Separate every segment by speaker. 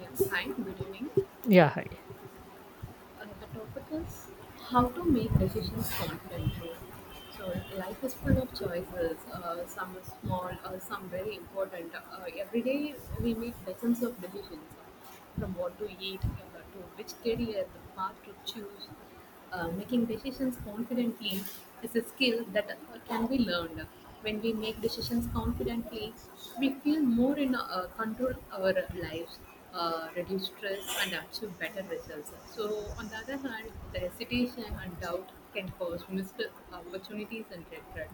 Speaker 1: Yes, hi, good evening.
Speaker 2: Yeah, hi.
Speaker 1: The topic is how to make decisions confidently. So, life is full of choices, some are small, some very important. Every day we make dozens of decisions from what to eat, to which career, the path to choose, making decisions confidently is a skill that can be learned. When we make decisions confidently, we feel more in control our lives, reduce stress, and achieve better results. So, on the other hand, the hesitation and doubt can cause missed opportunities and regret.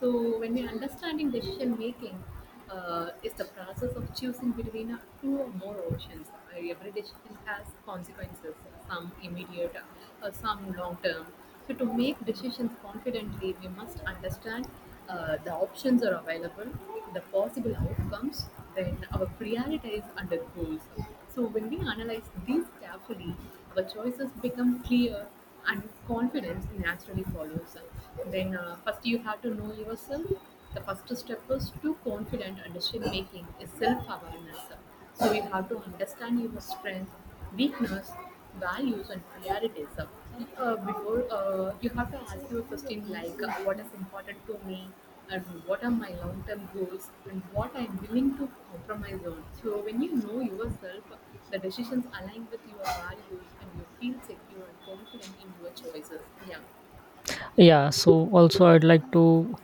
Speaker 1: So when we understanding decision making is the process of choosing between two or more options. Every decision has consequences, some immediate, some long term. So to make decisions confidently, we must understand the options are available, the possible outcomes, then our priorities and the goals. So when we analyze these carefully, our choices become clear and confidence naturally follows. Then, first you have to know yourself. The first step is to confident and decision making is self awareness. So, you have to understand your strength, weakness, values, and priorities. Before you have to ask your question like, what is important to me? And what are my long-term goals and what I'm willing to compromise on. So when you know yourself, the decisions align with your values and you feel secure and confident in your choices. Yeah.
Speaker 2: Yeah, so also I'd like to,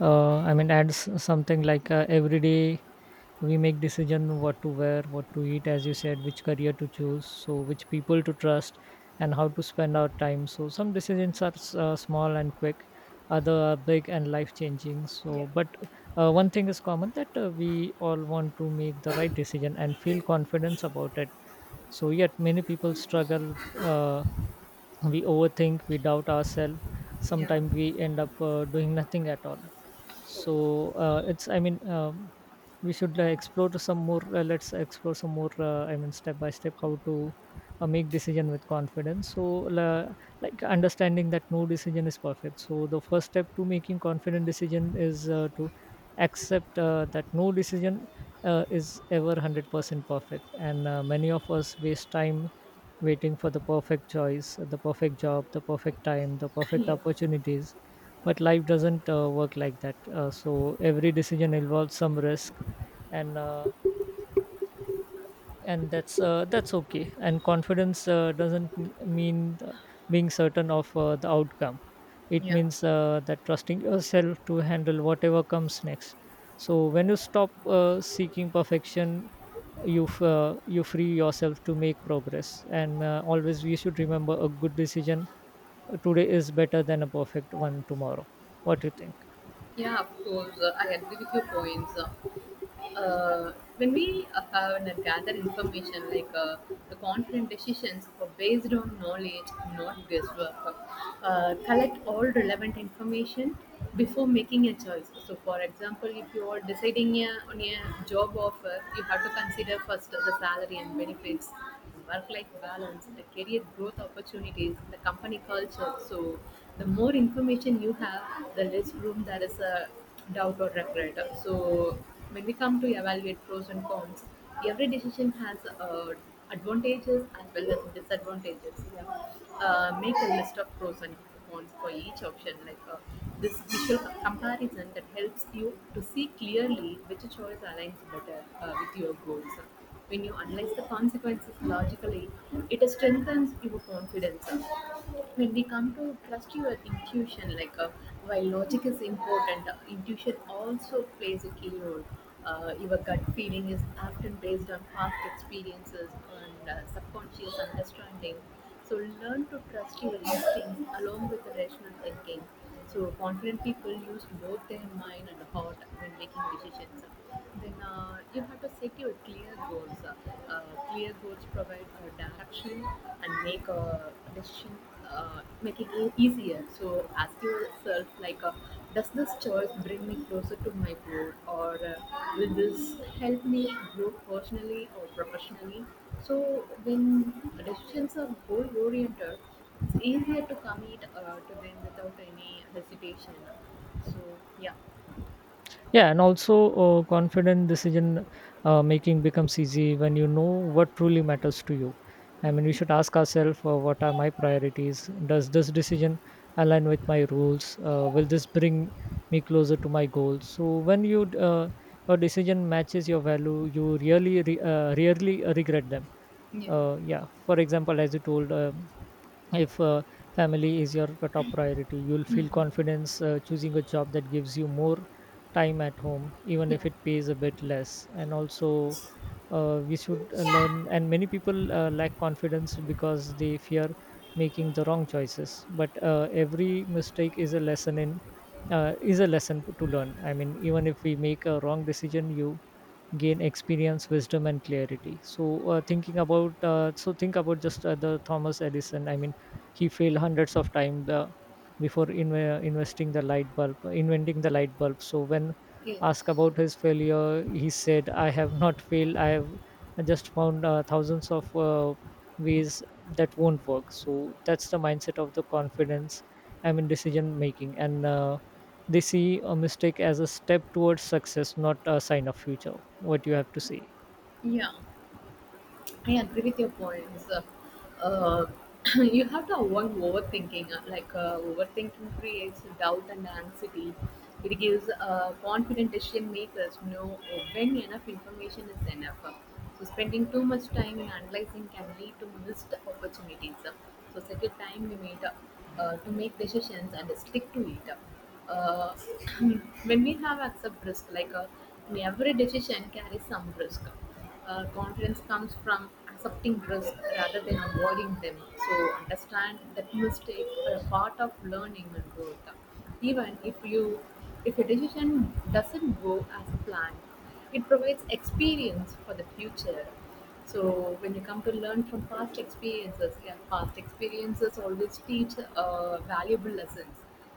Speaker 2: uh, I mean, add something like every day we make decision what to wear, what to eat, as you said, which career to choose, so which people to trust, and how to spend our time. So some decisions are small and quick, other are big and life changing.
Speaker 1: Yeah.
Speaker 2: But one thing is common that we all want to make the right decision and feel confidence about it. So yet many people struggle. Uh, we overthink, we doubt ourselves,
Speaker 1: Yeah.
Speaker 2: sometimes we end up doing nothing at all.
Speaker 1: So,
Speaker 2: So it's I mean we should explore to some more let's explore some more, I mean step by step how to make decision with confidence. So la- like, understanding that no decision is perfect. So the first step to making confident decision is to accept that no decision is ever 100% perfect, and many of us waste time waiting for the perfect choice, the perfect job, the perfect time, the perfect
Speaker 1: yeah.
Speaker 2: opportunities. But life doesn't work like that. So every decision involves some risk, and uh, and that's okay. And confidence doesn't mean being certain of the outcome. It
Speaker 1: Yeah.
Speaker 2: means that trusting yourself to handle whatever comes next. So when you stop seeking perfection, you free yourself to make progress. And always we should remember, a good decision today is better than a perfect one tomorrow. What do you think?
Speaker 1: Yeah, of course, I agree with your points. When we have and gather information, like the confident decisions are based on knowledge, not guesswork. Collect all relevant information before making a choice. So, for example, if you are deciding a, on a job offer, you have to consider first the salary and benefits work-life balance, the career growth opportunities, the company culture. So the more information you have, the less room there is a doubt or regret. So when we come to evaluate pros and cons, every decision has advantages as well as disadvantages. Yeah. Make a list of pros and cons for each option. Like this visual comparison that helps you to see clearly which choice aligns better with your goals. When you analyze the consequences logically, it strengthens your confidence. When we come to trust your intuition, like while logic is important, intuition also plays a key role. Your gut feeling is often based on past experiences and subconscious understanding. So learn to trust your instincts along with rational thinking. So confident people use both their mind and heart when making decisions. Then you have to set your clear goals. Uh, Clear goals provide a direction and make a decision, make it easier. So ask yourself like, does this choice bring me closer to my goal, or will this help me grow personally or professionally? So when decisions are goal oriented it's easier to commit to them without any hesitation. So yeah.
Speaker 2: Yeah, and also, confident decision making becomes easy when you know what truly matters to you. I mean, we should ask ourselves, what are my priorities, does this decision align with my rules, will this bring me closer to my goals? So when your decision matches your value, you rarely regret them.
Speaker 1: Yeah.
Speaker 2: Yeah, for example, as you told, if family is your top priority, you'll
Speaker 1: Hmm.
Speaker 2: feel confidence choosing a job that gives you more time at home, even
Speaker 1: Yeah.
Speaker 2: if it pays a bit less. And also, we should learn. And many people lack confidence because they fear making the wrong choices. But every mistake is a lesson in is a lesson to learn. I mean, even if we make a wrong decision, you gain experience, wisdom and clarity. So thinking about so think about just the Thomas Edison. I mean, he failed hundreds of times before in, investing the light bulb inventing the light bulb. So when asked
Speaker 1: Yes.
Speaker 2: about his failure, he said, I have not failed, I have just found thousands of ways that won't work. So that's the mindset of the confidence, I mean, decision making. And they see a mistake as a step towards success, not a sign of future. What you have to say?
Speaker 1: Yeah. I agree with your points. Uh, you have to avoid overthinking. Like overthinking creates doubt and anxiety. It gives confident decision makers know when enough information is enough. So spending too much time in analyzing can lead to missed opportunities. So set a time limit to make decisions and stick to it. Uh, when we have accept risk, like every decision carries some risk confidence comes from accepting risk rather than avoiding them. So understand that mistakes are a part of learning and growth. Even if you, if a decision doesn't go as planned, it provides experience for the future. So when you come to learn from past experiences, yeah, past experiences always teach valuable lessons.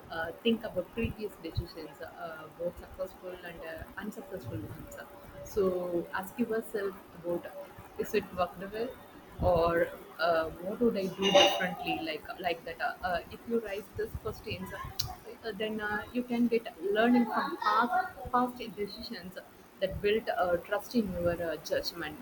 Speaker 1: Think about previous decisions, both successful and unsuccessful ones. So ask yourself about is it worked well or what would I do differently like that. If you raise this questions, then you can get learning from past decisions that build trust in your judgment.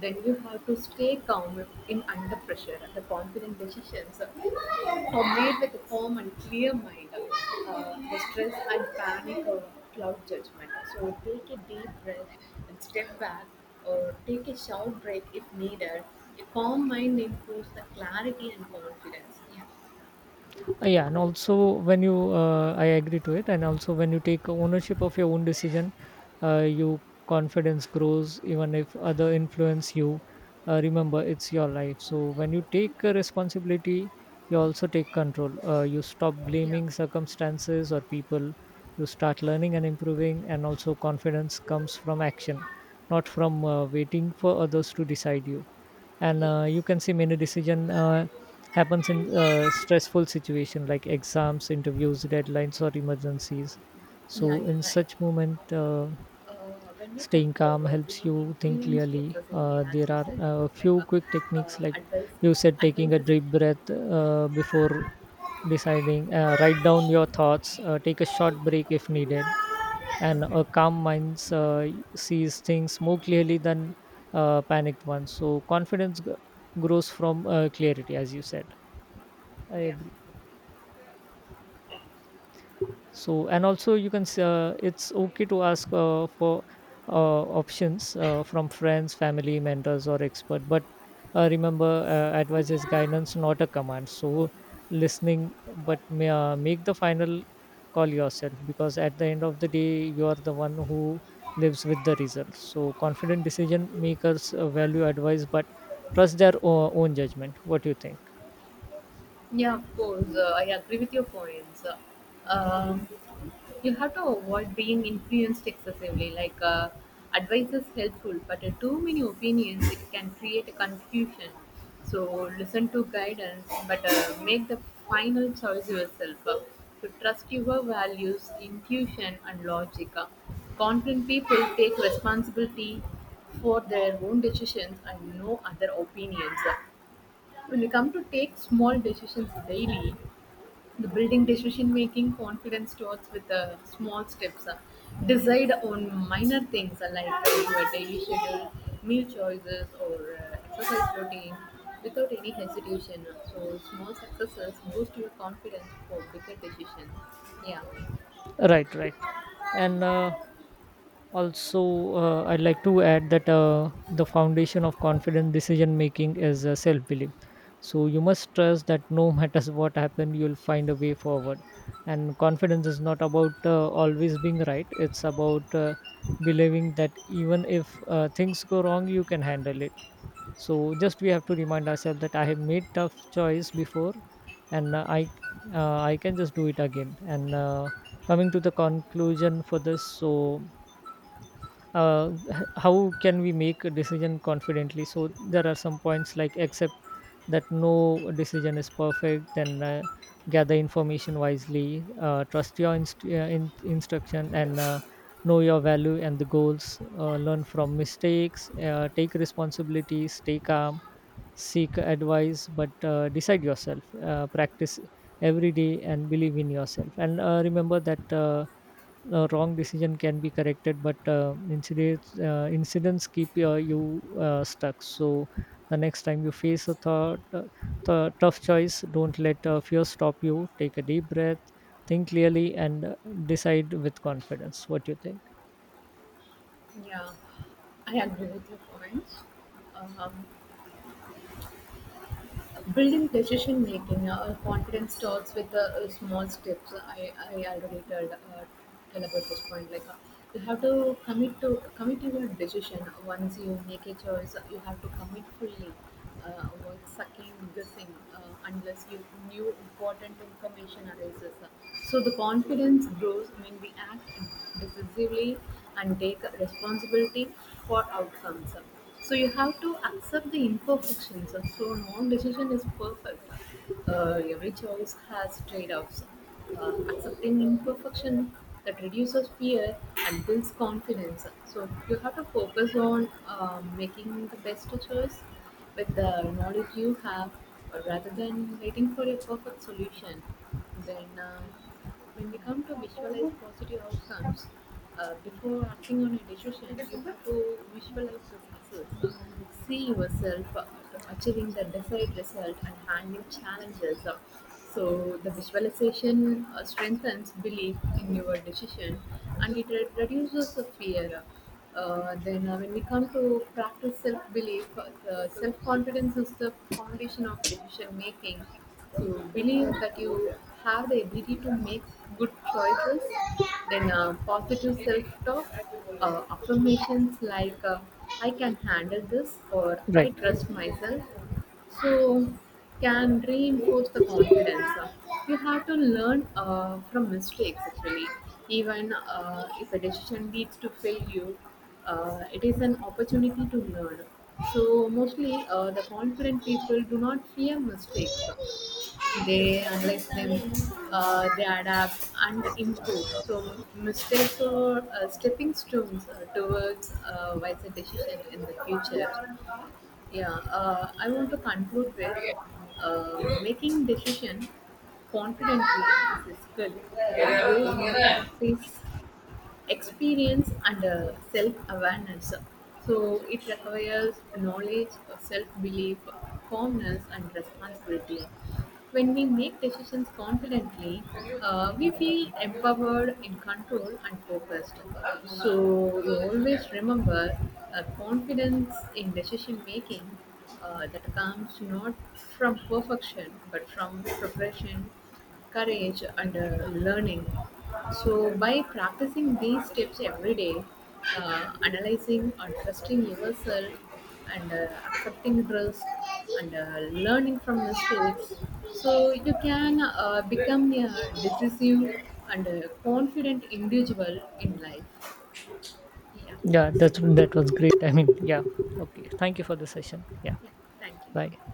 Speaker 1: Then you have to stay calm in under pressure. And the confident decisions are made with a calm and clear mind. The stress and panic or cloud judgment. So take a deep breath and step back, or take a short break if needed. A calm mind improves the clarity and confidence. Yeah,
Speaker 2: Yeah, and also, when you I agree to it. And also, when you take ownership of your own decision, your confidence grows even if other influence you. Remember, it's your life. So when you take a responsibility, you also take control. You stop
Speaker 1: yeah,
Speaker 2: blaming circumstances or people, you start learning and improving. And also, confidence comes from action, not from waiting for others to decide you. And you
Speaker 1: yes,
Speaker 2: can see many decision happens in stressful situation, like exams, interviews, deadlines or emergencies.
Speaker 1: yeah,
Speaker 2: So
Speaker 1: yeah,
Speaker 2: in
Speaker 1: right.
Speaker 2: such moment,
Speaker 1: uh, when we come
Speaker 2: staying calm
Speaker 1: to our
Speaker 2: helps
Speaker 1: being
Speaker 2: you think
Speaker 1: influenced
Speaker 2: clearly.
Speaker 1: excessively, as
Speaker 2: There
Speaker 1: you
Speaker 2: are
Speaker 1: said
Speaker 2: a
Speaker 1: about like
Speaker 2: few
Speaker 1: a
Speaker 2: quick techniques, like,
Speaker 1: advice,
Speaker 2: you said, taking a
Speaker 1: advice is
Speaker 2: deep breath before deciding, write down your thoughts, take a short break if needed. And
Speaker 1: okay.
Speaker 2: a calm mind sees things more clearly than panicked ones. So grows from clarity, as you said. I agree. So and also, you can it's okay to ask for options from friends, family, mentors or expert. But remember, advice is
Speaker 1: Yeah.
Speaker 2: guidance, not a command. So listening, but make the final call yourself, because at the end of the day, you are the one who lives with the results. So confident decision makers value advice but trust their own judgment. What do you think?
Speaker 1: Yeah, of course. I agree with your points. Uh, you have to avoid being influenced excessively. Like advice is helpful, but too many opinions it can create a confusion. So listen to guidance, but make the final choice yourself. To trust your values, intuition, and logic. Confident people take responsibility for their own decisions and no other opinions. When we come to take small decisions daily, the building decision making confidence starts with small steps. Decide on minor things like your daily schedule, meal choices, or exercise routine without any hesitation. So, small successes boost your confidence for bigger decisions. Yeah,
Speaker 2: Right, right. and Also, I'd like to add that the foundation of confident decision making is self belief. So, you must trust that no matter what happens, you'll find a way forward. And confidence is not about always being right, it's about believing that even if things go wrong, you can handle it. So, just we have to remind ourselves that I have made tough choice before and I can just do it again. And coming to the conclusion for this, so how can we make a decision confidently? So there are some points like, accept that no decision is perfect, then gather information wisely, trust your instruction, and know your value and the goals, learn from mistakes, take responsibility, stay calm, seek advice but decide yourself, practice every day and believe in yourself. And remember that wrong decision can be corrected, but incidents keep you stuck. So the next time you face a tough choice, don't let fear stop you. Take a deep breath, think clearly and decide with confidence. What do you think?
Speaker 1: yeah, I agree with your points. Um, Building decision making or confidence starts with small steps. I already told, tell about this point. Like you have to commit to your decision. Once you make a choice, you have to commit fully. Avoid sucking guessing unless you new important information arises. So the confidence grows when we act decisively and take responsibility for outcomes. So you have to accept the imperfections. So no decision is perfect. Every choice has trade-offs. Accepting imperfection that reduces fear and builds confidence. So you have to focus on making the best choice with the knowledge you have, rather than waiting for a perfect solution. Then. When we come to visualize positive outcomes, before acting on a decision, you have to visualize the success. See yourself achieving the desired result and handling challenges. So the visualization strengthens belief in your decision and it reduces the fear. Then when we come to practice self belief, self confidence is the foundation of decision making. So, believe that you have the ability to make good choices. Then, positive self talk, affirmations like, I can handle this or
Speaker 2: Right.
Speaker 1: I trust myself. So, can reinforce the confidence. You have to learn from mistakes actually. Even if a decision leads to failure, it is an opportunity to learn. So, mostly the confident people do not fear mistakes. They analyze them, they adapt and improve. So, mistakes are stepping stones towards wiser decision in the future. Yeah, I want to conclude with making decision confidently is a skill that grows with the practice experience and self-awareness. So it requires knowledge, self-belief, calmness and responsibility. When we make decisions confidently, we feel empowered in control and focused. So you always remember, confidence in decision making that comes not from perfection but from preparation, courage and learning. So by practicing these steps every day, analyzing and trusting yourself, and accepting risk and learning from mistakes, so you can become a decisive and confident individual in life. Yeah.
Speaker 2: Yeah, that was great. I mean, yeah, okay, thank you for the session. Yeah,
Speaker 1: Yeah, thank
Speaker 2: bye.
Speaker 1: you.